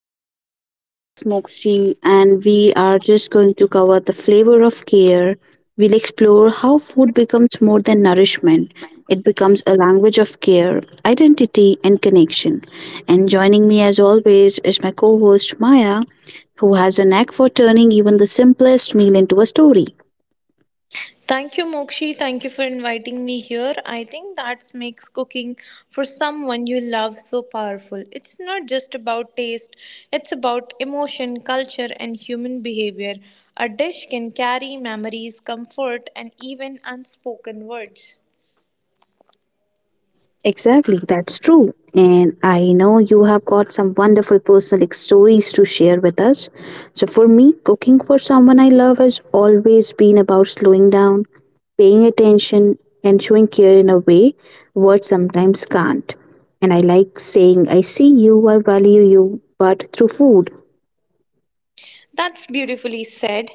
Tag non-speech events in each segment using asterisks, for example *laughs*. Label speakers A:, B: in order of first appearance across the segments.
A: to the podcast. This is Mokshi, and we are just going to cover the flavor of care. We'll explore how food becomes more than nourishment, it becomes a language of care, identity, and connection. And joining me, as always, is my co host Maya, who has a knack for turning even the simplest meal into a story.
B: Thank you, Mokshi. Thank you for inviting me here. I think that makes cooking for someone you love so powerful. It's not just about taste, it's about emotion, culture, and human behavior. A dish can carry memories, comfort, and even unspoken words.
A: Exactly, that's true. And I know you have got some wonderful stories to share with us. So, for me, cooking for someone I love has always been about slowing down, paying attention, and showing care in a way words sometimes can't. And I like saying, I see you, I value you, but through food.
B: That's beautifully said.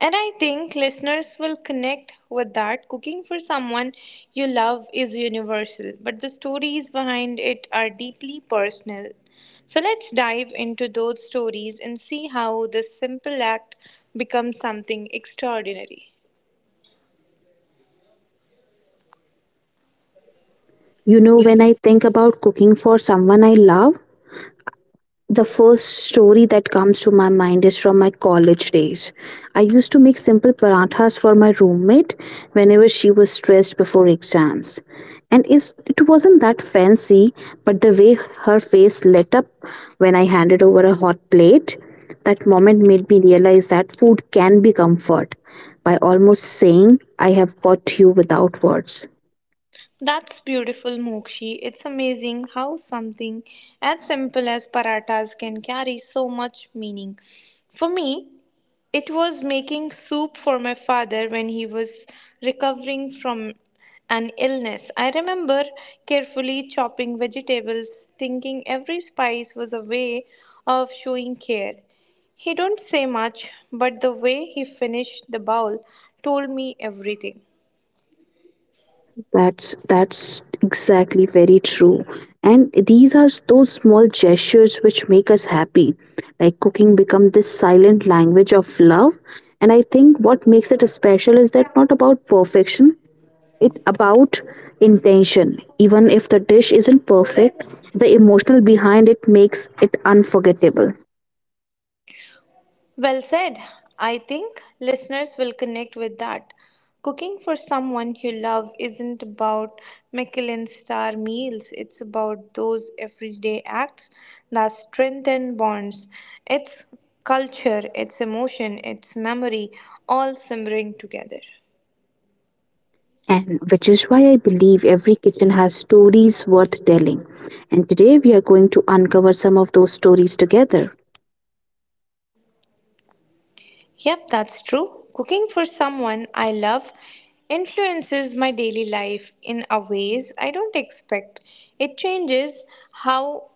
B: And I think listeners will connect with that. Cooking for someone you love is universal, but the stories behind it are deeply personal. So let's dive into those stories and see how this simple act becomes something extraordinary.
A: You know, when I think about cooking for someone I love, the first story that comes to my mind is from my college days. I used to make simple parathas for my roommate whenever she was stressed before exams. And it wasn't that fancy, but the way her face lit up when I handed over a hot plate, that moment made me realize that food can be comfort by almost saying, I have got you without words.
B: That's beautiful, Mokshi. It's amazing how something as simple as paratas can carry so much meaning. For me, it was making soup for my father when he was recovering from an illness. I remember carefully chopping vegetables, thinking every spice was a way of showing care. He don't say much, but the way he finished the bowl told me everything.
A: That's exactly very true. And these are those small gestures which make us happy. Like cooking become this silent language of love. And I think what makes it special is that not about perfection, it about intention. Even if the dish isn't perfect, the emotional behind it makes it unforgettable.
B: Well said. I think listeners will connect with that. Cooking for someone you love isn't about Michelin star meals, it's about those everyday acts that strengthen bonds. It's culture, it's emotion, it's memory, all simmering together.
A: And which is why I believe every kitchen has stories worth telling. And today we are going to uncover some of those stories together.
B: Yep, that's true. Cooking for someone I love influences my daily life in a ways I don't expect. It changes how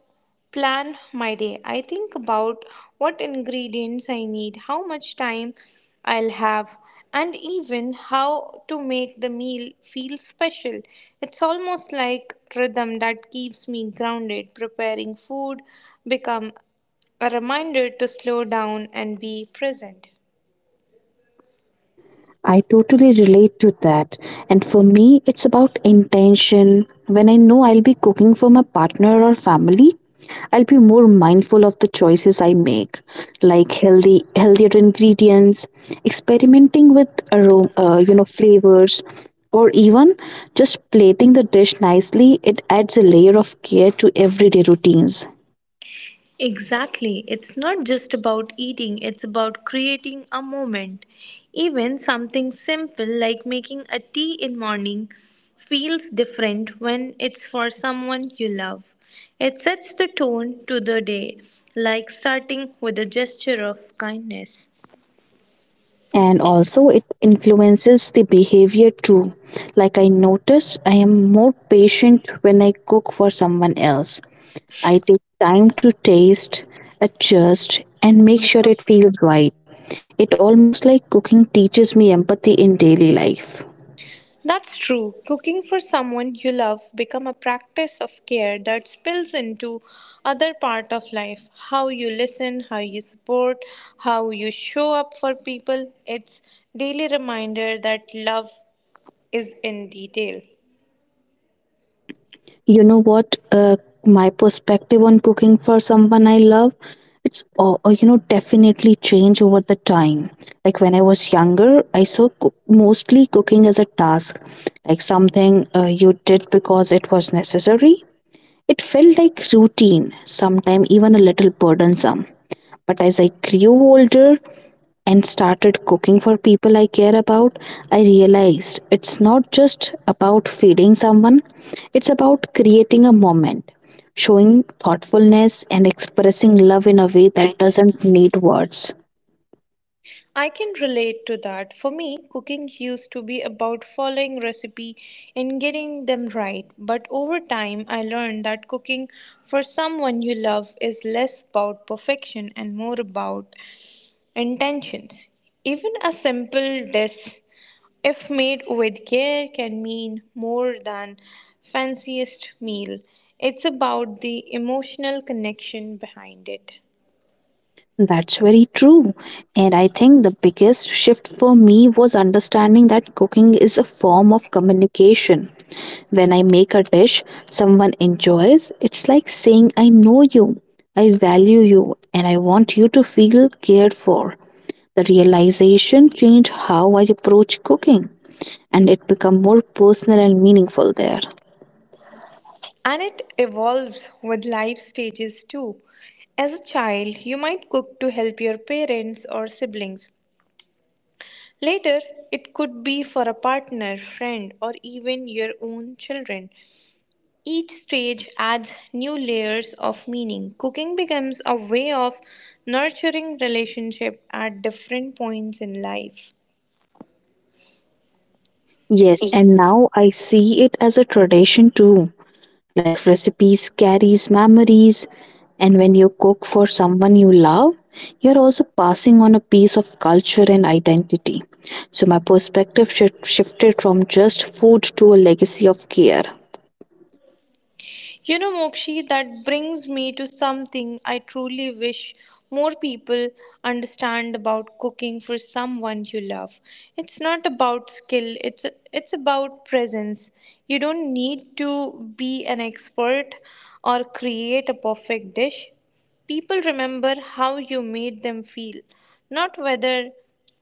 B: plan my day. I think about what ingredients I need, how much time I'll have, and even how to make the meal feel special. It's almost like rhythm that keeps me grounded. Preparing food become a reminder to slow down and be present.
A: I totally relate to that. And for me, it's about intention. When I know I'll be cooking for my partner or family, I'll be more mindful of the choices I make, like healthier ingredients, experimenting with aroma, flavors, or even just plating the dish nicely. It adds a layer of care to everyday routines.
B: Exactly. It's not just about eating, it's about creating a moment. Even something simple like making a tea in morning feels different when it's for someone you love. It sets the tone to the day, like starting with a gesture of kindness.
A: And also it influences the behavior too. Like I notice I am more patient when I cook for someone else. I take time to taste, adjust, and make sure it feels right. It almost like cooking teaches me empathy in daily life.
B: That's true. Cooking for someone you love become a practice of care that spills into other part of life. How you listen, how you support, how you show up for people. It's daily reminder that love is in detail.
A: You know what? My perspective on cooking for someone I love, it's all, you know definitely change over the time. Like when I was younger, I saw mostly cooking as a task, like something you did because it was necessary. It felt like routine, sometimes even a little burdensome. But as I grew older, and started cooking for people I care about, I realized it's not just about feeding someone, it's about creating a moment, showing thoughtfulness, and expressing love in a way that doesn't need words.
B: I can relate to that. For me, cooking used to be about following recipe and getting them right. But over time, I learned that cooking for someone you love is less about perfection and more about intentions. Even a simple dish, if made with care, can mean more than fanciest meal. It's about the emotional connection behind it.
A: That's very true. And I think the biggest shift for me was understanding that cooking is a form of communication. When I make a dish someone enjoys, it's like saying, I know you, I value you, and I want you to feel cared for. The realization changed how I approach cooking, and it became more personal and meaningful there.
B: And it evolves with life stages too. As a child, you might cook to help your parents or siblings. Later, it could be for a partner, friend, or even your own children. Each stage adds new layers of meaning. Cooking becomes a way of nurturing relationship at different points in life.
A: Yes, and now I see it as a tradition too. Like recipes carries memories and when you cook for someone you love, you're also passing on a piece of culture and identity. So my perspective shifted from just food to a legacy of care.
B: You know, Mokshi, that brings me to something I truly wish more people understand about cooking for someone you love. It's not about skill, it's about presence. You don't need to be an expert or create a perfect dish. People remember how you made them feel, not whether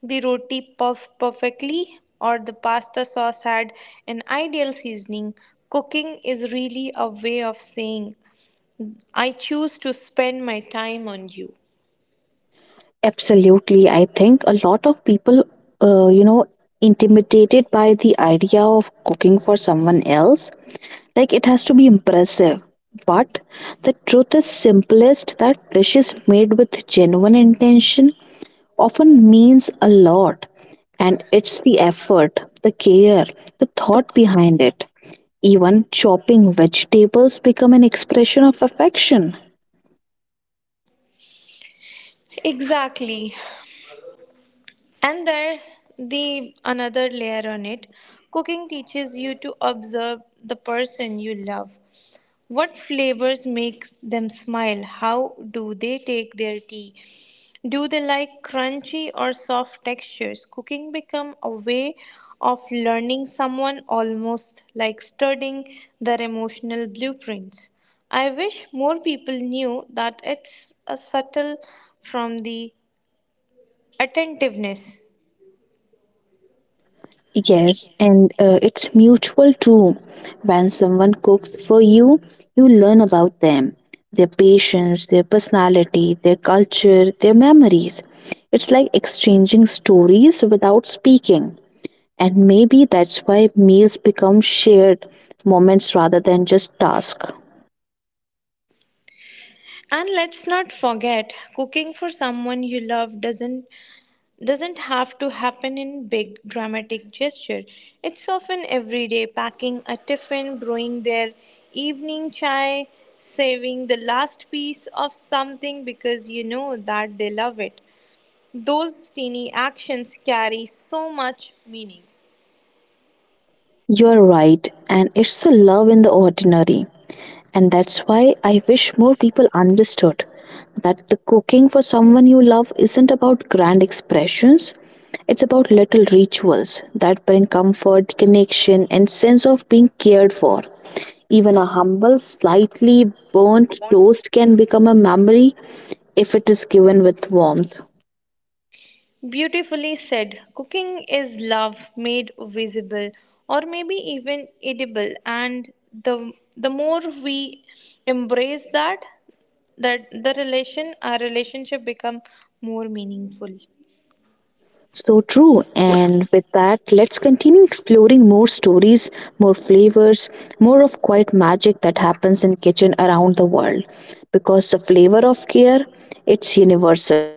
B: the roti puffed perfectly or the pasta sauce had an ideal seasoning. Cooking is really a way of saying, I choose to spend my time on you.
A: Absolutely, I think a lot of people, uh, you know, intimidated by the idea of cooking for someone else. Like it has to be impressive. But the truth is simplest that dishes made with genuine intention often means a lot, and it's the effort, the care, the thought behind it. Even chopping vegetables become an expression of affection.
B: Exactly. And there's the another layer on it. Cooking teaches you to observe the person you love. What flavors makes them smile? How do they take their tea? Do they like crunchy or soft textures? Cooking become a way of learning someone almost like studying their emotional blueprints. I wish more people knew that it's a subtle from the attentiveness.
A: Yes, and it's mutual too. When someone cooks for you, you learn about them, their patience, their personality, their culture, their memories. It's like exchanging stories without speaking. And maybe that's why meals become shared moments rather than just tasks.
B: And let's not forget, cooking for someone you love doesn't have to happen in big dramatic gesture. It's often everyday packing a tiffin, brewing their evening chai, saving the last piece of something because you know that they love it. Those teeny actions carry so much meaning.
A: You're right, and it's the love in the ordinary. And that's why I wish more people understood that the cooking for someone you love isn't about grand expressions, it's about little rituals that bring comfort, connection, and sense of being cared for. Even a humble, slightly burnt toast can become a memory if it is given with warmth.
B: Beautifully said. Cooking is love made visible or maybe even edible and the the more we embrace that the relation our relationship become more meaningful.
A: So true. And with that, let's continue exploring more stories, more flavors, more of quiet magic that happens in kitchen around the world. Because the flavor of care, it's universal.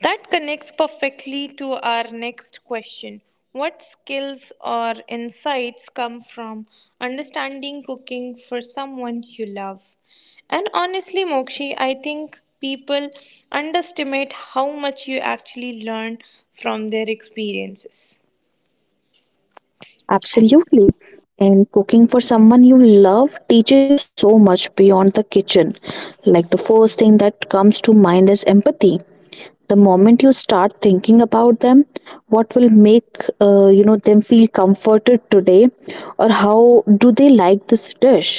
B: That connects perfectly to our next question. What skills or insights come from understanding cooking for someone you love? And honestly, Mokshi, I think people underestimate how much you actually learn from their experiences.
A: Absolutely. And cooking for someone you love teaches you so much beyond the kitchen. Like the first thing that comes to mind is empathy. The moment you start thinking about them, what will make them feel comforted today, or how do they like this dish.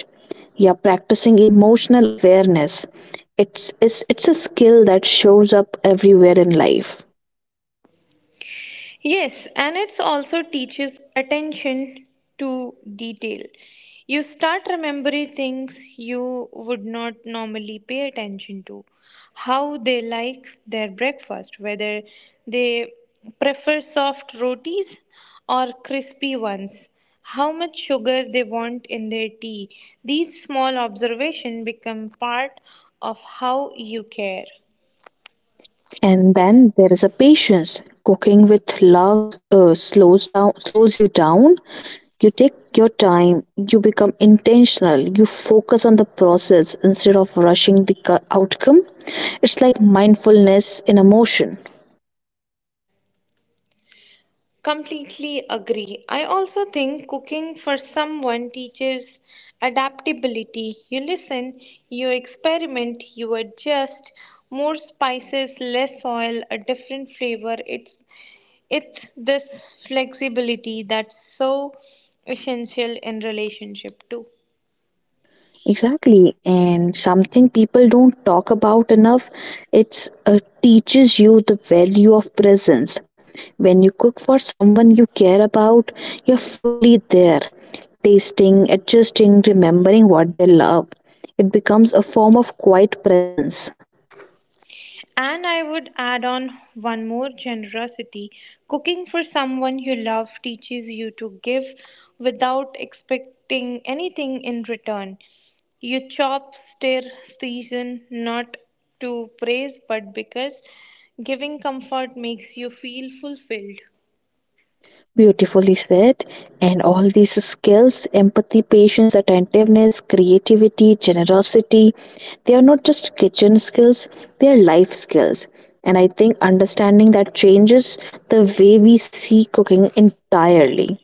A: Yeah, practicing emotional awareness, it's a skill that shows up everywhere in life.
B: Yes, and it also teaches attention to detail. You start remembering things you would not normally pay attention to. How they like their breakfast, whether they prefer soft rotis or crispy ones, how much sugar they want in their tea. These small observations become part of how you care.
A: And then there is a patience. Cooking with love slows you down. You take your time, you become intentional, you focus on the process instead of rushing the outcome. It's like mindfulness in a motion.
B: Completely agree. I also think cooking for someone teaches adaptability. You listen, you experiment, you adjust. More spices, less oil, a different flavor. It's this flexibility that's so essential in relationship too.
A: Exactly, and something people don't talk about enough. It's teaches you the value of presence. When you cook for someone you care about, you're fully there, tasting, adjusting, remembering what they love. It becomes a form of quiet presence.
B: And I would add on one more generosity. Cooking for someone you love teaches you to give without expecting anything in return. You chop, stir, season, not to praise, but because giving comfort makes you feel fulfilled.
A: Beautifully said. And all these skills empathy, patience, attentiveness, creativity, generosity they are not just kitchen skills, they are life skills. And I think understanding that changes the way we see cooking entirely.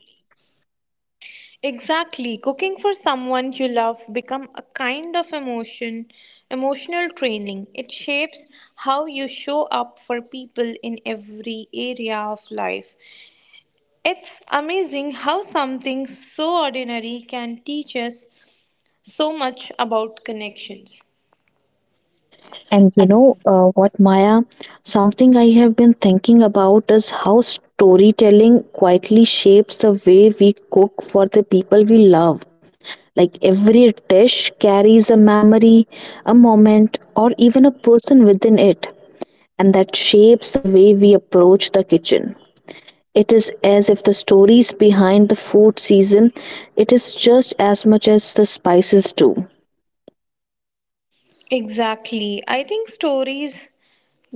B: Exactly. Cooking for someone you love become a kind of emotional training. It shapes how you show up for people in every area of life. It's amazing how something so ordinary can teach us so much about connections.
A: And you know what, Maya? Something I have been thinking about is how storytelling quietly shapes the way we cook for the people we love. Like every dish carries a memory, a moment, or even a person within it, and that shapes the way we approach the kitchen. It is as if the stories behind the food season, it is just as much as the spices do.
B: Exactly. I think stories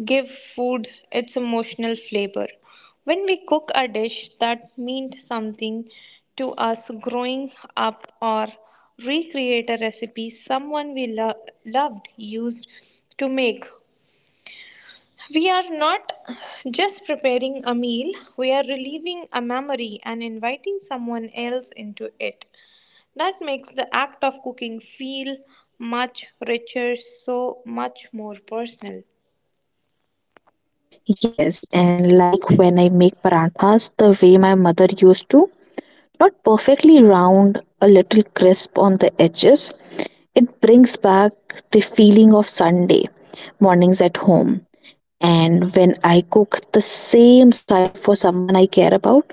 B: give food its emotional flavor. When we cook a dish that meant something to us growing up or recreate a recipe someone loved used to make, we are not just preparing a meal, we are relieving a memory and inviting someone else into it. That makes the act of cooking feel much richer, so much more personal.
A: Yes, and like when I make parathas the way my mother used to, not perfectly round, a little crisp on the edges, it brings back the feeling of Sunday mornings at home. And when I cook the same style for someone I care about,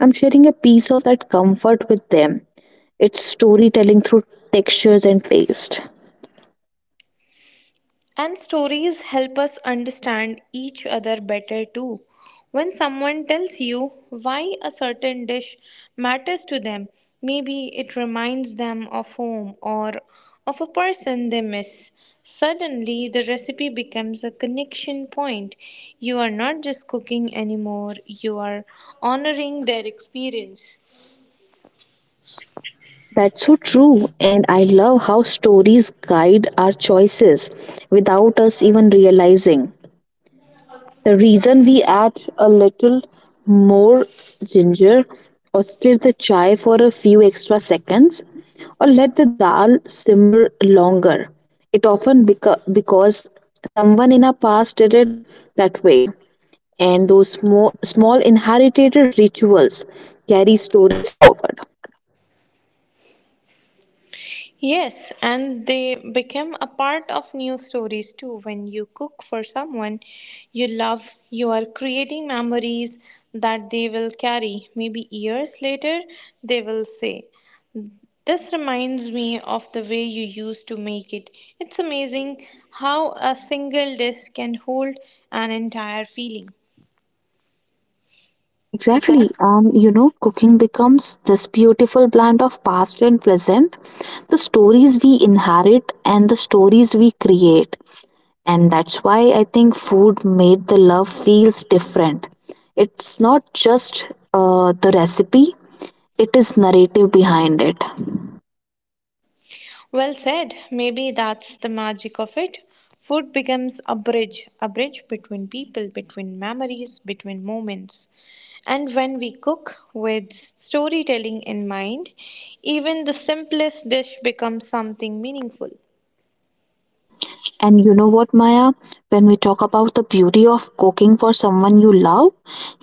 A: I'm sharing a piece of that comfort with them. It's storytelling through textures and taste.
B: And stories help us understand each other better too. When someone tells you why a certain dish matters to them, maybe it reminds them of home or of a person they miss. Suddenly, the recipe becomes a connection point. You are not just cooking anymore, you are honoring their experience.
A: That's so true. And I love how stories guide our choices without us even realizing. The reason we add a little more ginger, or stir the chai for a few extra seconds, or let the dal simmer longer. It often because someone in our past did it that way. And those small inherited rituals carry stories forward.
B: Yes, and they become a part of new stories too. When you cook for someone you love, you are creating memories that they will carry. Maybe years later, they will say, this reminds me of the way you used to make it. It's amazing how a single dish can hold an entire feeling.
A: Exactly. Cooking becomes this beautiful blend of past and present, the stories we inherit and the stories we create. And that's why I think food made the love feels different. It's not just the recipe, it is narrative behind it.
B: Well said. Maybe that's the magic of it. Food becomes a bridge between people, between memories, between moments. And when we cook with storytelling in mind, even the simplest dish becomes something meaningful.
A: And you know what, Maya, when we talk about the beauty of cooking for someone you love,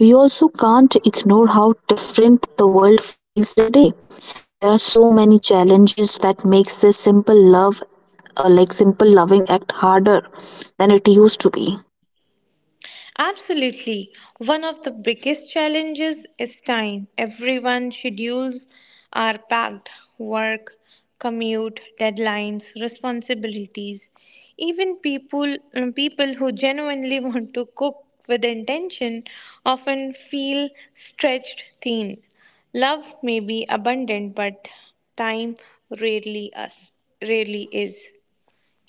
A: we also can't ignore how different the world feels today. There are so many challenges that makes this simple love, simple loving act harder than it used to be.
B: Absolutely. One of the biggest challenges is time. Everyone's schedules are packed work, commute, deadlines, responsibilities. Even people, people who genuinely *laughs* want to cook with intention often feel stretched thin. Love may be abundant, but time rarely us rarely is.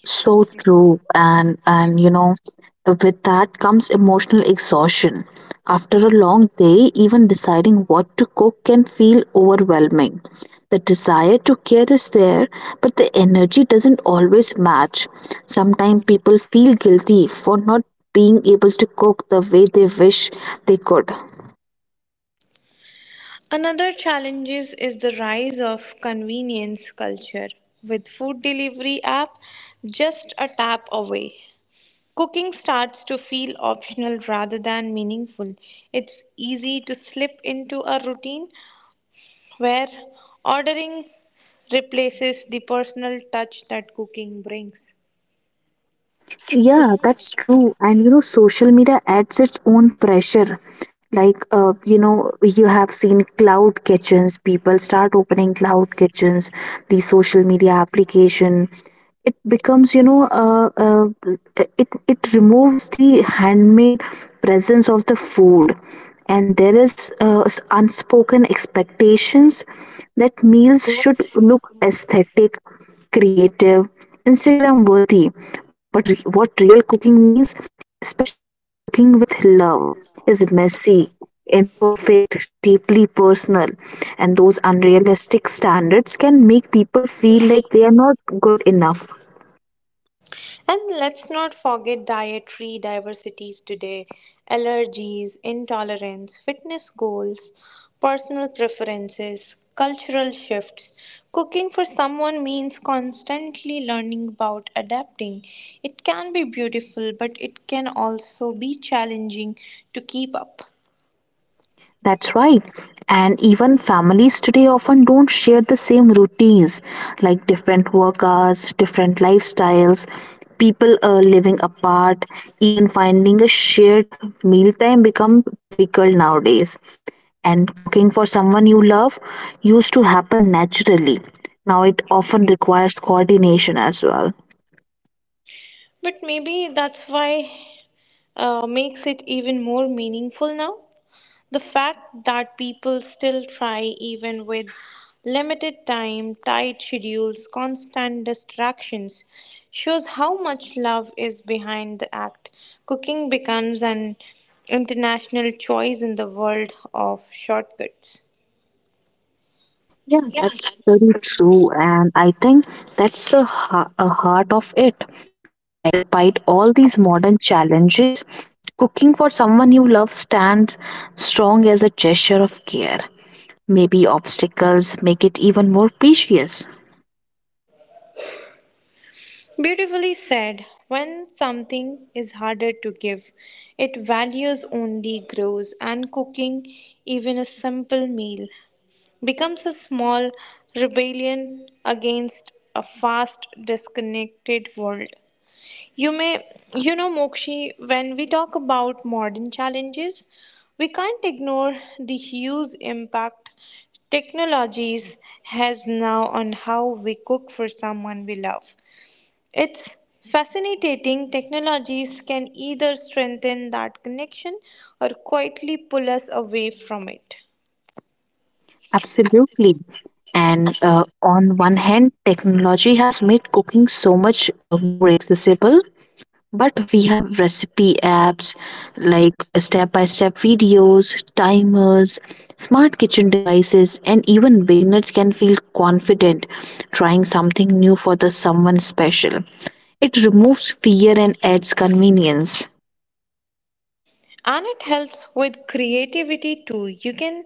A: So true, and you know, with that comes emotional exhaustion. After a long day, even deciding what to cook can feel overwhelming. The desire to care is there, but the energy doesn't always match. Sometimes people feel guilty for not being able to cook the way they wish they could.
B: Another challenge is the rise of convenience culture with food delivery app just a tap away. Cooking starts to feel optional rather than meaningful. It's easy to slip into a routine where ordering replaces the personal touch that cooking brings.
A: Yeah, that's true. And you know, social media adds its own pressure. Like, you have seen cloud kitchens. People start opening cloud kitchens, the social media application. It becomes, it it removes the handmade presence of the food, and there is unspoken expectations that meals should look aesthetic, creative, Instagram worthy. But what real cooking means, especially cooking with love, is messy, imperfect, deeply personal. And those unrealistic standards can make people feel like they are not good enough.
B: And let's not forget dietary diversities today allergies, intolerance, fitness goals, personal preferences, cultural shifts. Cooking for someone means constantly learning about adapting. It can be beautiful, but it can also be challenging to keep up.
A: That's right. And even families today often don't share the same routines, like different work hours, different lifestyles, people living apart, even finding a shared mealtime become difficult nowadays. And cooking for someone you love used to happen naturally. Now it often requires coordination as well.
B: But maybe that's why makes it even more meaningful now. The fact that people still try, even with limited time, tight schedules, constant distractions, shows how much love is behind the act. Cooking becomes an international choice in the world of shortcuts.
A: Yeah, that's very true. And I think that's the a heart of it. Like, despite all these modern challenges, cooking for someone you love stands strong as a gesture of care. Maybe obstacles make it even more precious.
B: Beautifully said. When something is harder to give, it values only grows, and cooking, even a simple meal, becomes a small rebellion against a fast disconnected world you may you know Mokshi, when we talk about modern challenges, we can't ignore the huge impact technologies has now on how we cook for someone we love. It's fascinating technologies can either strengthen that connection or quietly pull us away from it.
A: Absolutely. And on one hand, technology has made cooking so much more accessible. But we have recipe apps like step by step videos, timers, smart kitchen devices, and even beginners can feel confident trying something new for the someone special. It removes fear and adds convenience.
B: And it helps with creativity too. You can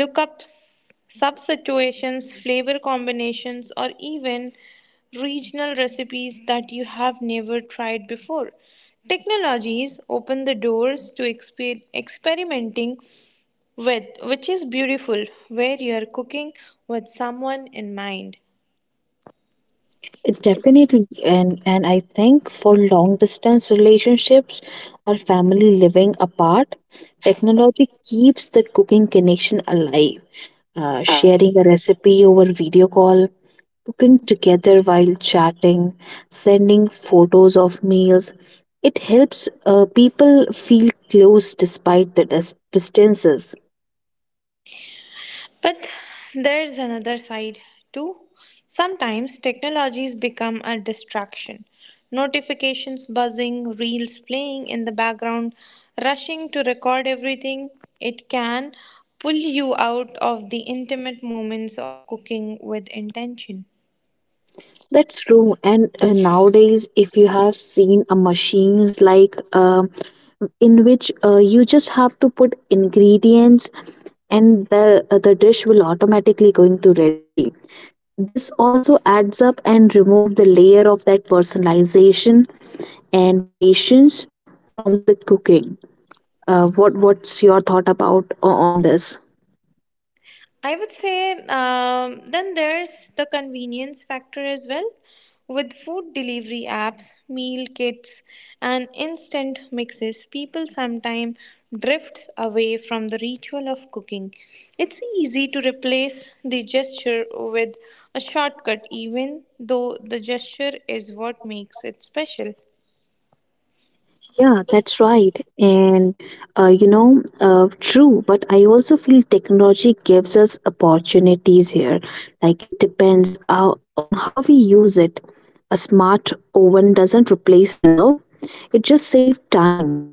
B: look up substitutions, flavor combinations, or even regional recipes that you have never tried before. Technologies open the doors to experimenting with, which is beautiful where you're cooking with someone in mind.
A: Definitely, and I think for long distance relationships or family living apart, technology keeps the cooking connection alive. Sharing a recipe over video call, cooking together while chatting, sending photos of meals. It helps people feel close despite the distances.
B: But there's another side too. Sometimes technologies become a distraction. Notifications buzzing, reels playing in the background, rushing to record everything. It can pull you out of the intimate moments of cooking with intention.
A: That's true. And nowadays, if you have seen a machines like in which you just have to put ingredients and the dish will automatically going to ready. This also adds up and remove the layer of that personalization and patience from the cooking. What's your thought about on this?
B: I would say then there's the convenience factor as well with food delivery apps, meal kits, and instant mixes. People sometimes drift away from the ritual of cooking. It's easy to replace the gesture with a shortcut, even though the gesture is what makes it special.
A: Yeah, that's right. And true, but I also feel technology gives us opportunities here. Like it depends on how we use it. A smart oven doesn't replace love, it just saves time.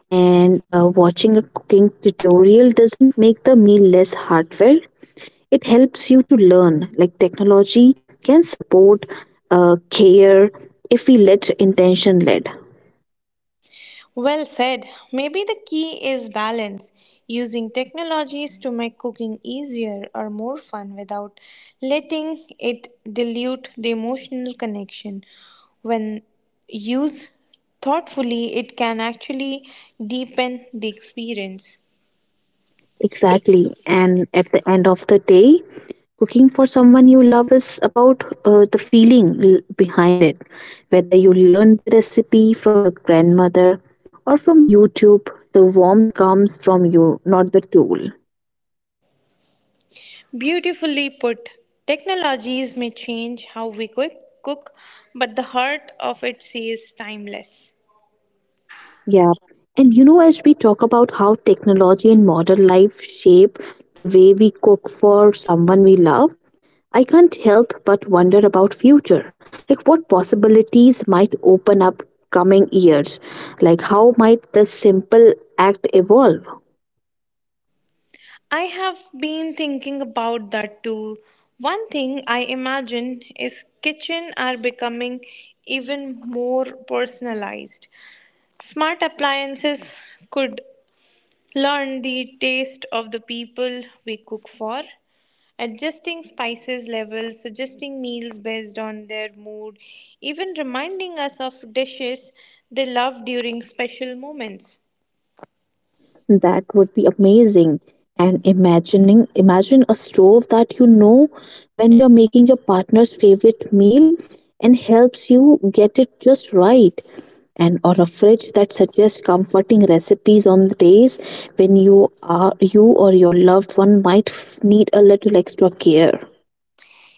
A: And watching a cooking tutorial doesn't make the meal less heartfelt. It helps you to learn. Like technology can support care if we let intention lead.
B: Well said. Maybe the key is balance, using technologies to make cooking easier or more fun without letting it dilute the emotional connection. When used thoughtfully, it can actually deepen the experience.
A: Exactly. And at the end of the day, cooking for someone you love is about the feeling behind it. Whether you learned the recipe from your grandmother or from YouTube, the warmth comes from you, not the tool.
B: Beautifully put, technologies may change how we cook, but the heart of it stays timeless.
A: Yeah. And you know, as we talk about how technology and modern life shape the way we cook for someone we love, I can't help but wonder about future. Like what possibilities might open up coming years? Like how might this simple act evolve?
B: I have been thinking about that too. One thing I imagine is kitchen are becoming even more personalized. Smart appliances could learn the taste of the people we cook for, adjusting spices levels, suggesting meals based on their mood, even reminding us of dishes they love during special moments.
A: That would be amazing. And imagining imagine a stove that you know when you're making your partner's favorite meal and helps you get it just right. And or a fridge that suggests comforting recipes on the days when you or your loved one might need a little extra care.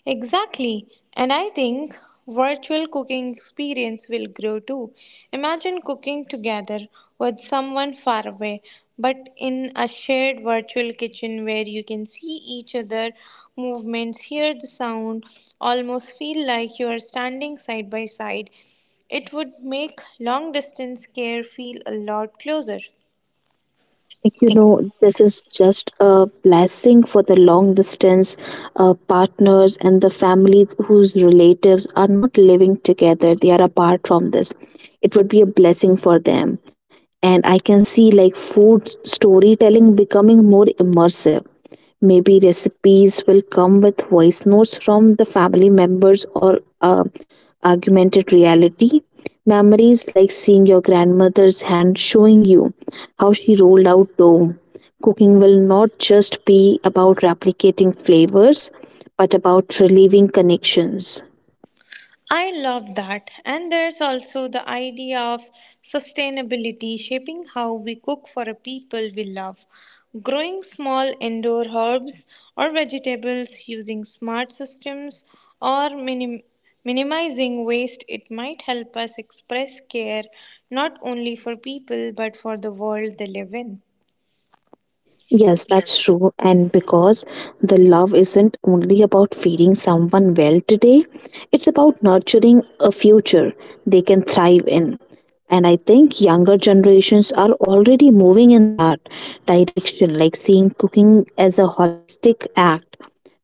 B: Exactly. And I think virtual cooking experience will grow too. Imagine cooking together with someone far away, but in a shared virtual kitchen where you can see each other movements, hear the sound, almost feel like you are standing side by side. It would make long distance care feel a lot closer.
A: Like, you know, this is just a blessing for the long distance partners and the families whose relatives are not living together, they are apart from this, it would be a blessing for them. And I can see like food storytelling becoming more immersive. Maybe recipes will come with voice notes from the family members or augmented reality memories, like seeing your grandmother's hand showing you how she rolled out dough. Cooking will not just be about replicating flavors, but about relieving connections.
B: I love that. And there's also the idea of sustainability shaping how we cook for a people we love. Growing small indoor herbs or vegetables using smart systems or minimizing waste, it might help us express care not only for people but for the world they live in.
A: Yes, that's true. And because the love isn't only about feeding someone well today, it's about nurturing a future they can thrive in. And I think younger generations are already moving in that direction, like seeing cooking as a holistic act.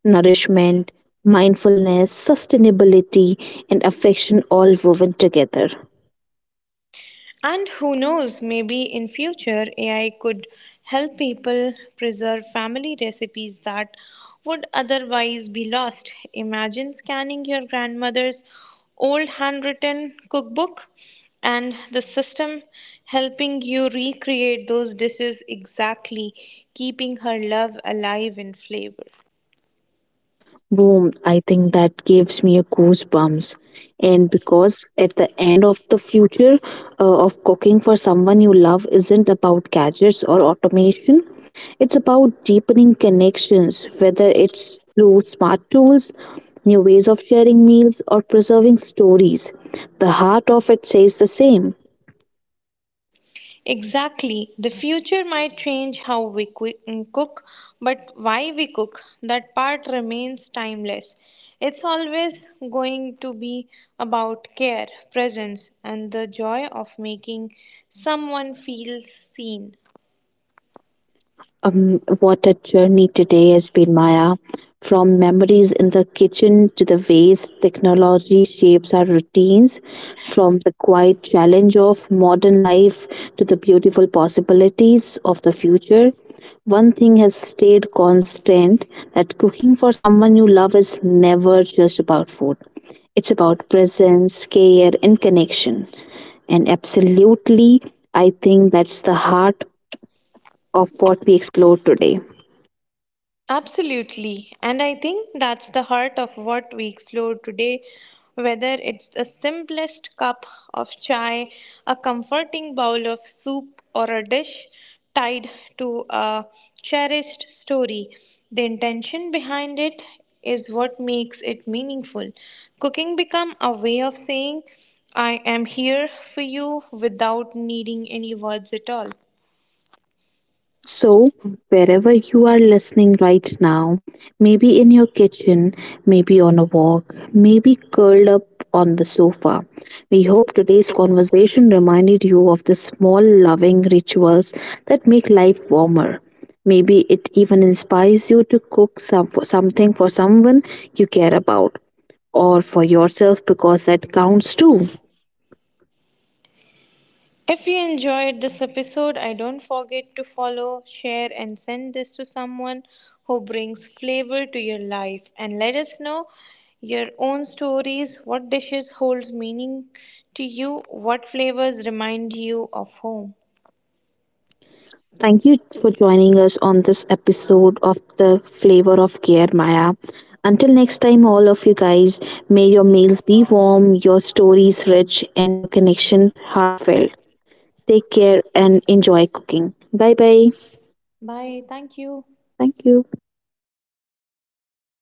A: Nourishment, mindfulness, sustainability, and affection all woven together.
B: And who knows, maybe in future AI could help people preserve family recipes that would otherwise be lost. Imagine scanning your grandmother's old handwritten cookbook and the system helping you recreate those dishes exactly, keeping her love alive in flavor.
A: Boom, I think that gives me a goosebumps. And because at the end of the future of cooking for someone you love isn't about gadgets or automation, it's about deepening connections, whether it's through smart tools, new ways of sharing meals, or preserving stories. The heart of it says the same.
B: Exactly. The future might change how we cook, but why we cook, that part remains timeless. It's always going to be about care, presence, and the joy of making someone feel seen.
A: What a journey today has been, Maya. From memories in the kitchen to the ways technology shapes our routines, from the quiet challenge of modern life to the beautiful possibilities of the future. One thing has stayed constant, that cooking for someone you love is never just about food. It's about presence, care, and connection. And absolutely, I think that's the heart of what we explore today.
B: Absolutely. And I think that's the heart of what we explore today. Whether it's the simplest cup of chai, a comforting bowl of soup, or a dish tied to a cherished story, the intention behind it is what makes it meaningful. Cooking become a way of saying, I am here for you without needing any words at all.
A: So, wherever you are listening right now, maybe in your kitchen, maybe on a walk, maybe curled up on the sofa, we hope today's conversation reminded you of the small loving rituals that make life warmer. Maybe it even inspires you to for something for someone you care about or for yourself because that counts too.
B: If you enjoyed this episode, I don't forget to follow, share, and send this to someone who brings flavor to your life. And let us know your own stories what dishes holds meaning to you, what flavors remind you of home.
A: Thank you for joining us on this episode of The Flavor of Care, Maya. Until next time, all of you guys, may your meals be warm, your stories rich, and your connection heartfelt. Take care and enjoy cooking. Bye bye.
B: Bye. Thank you.
A: Thank you.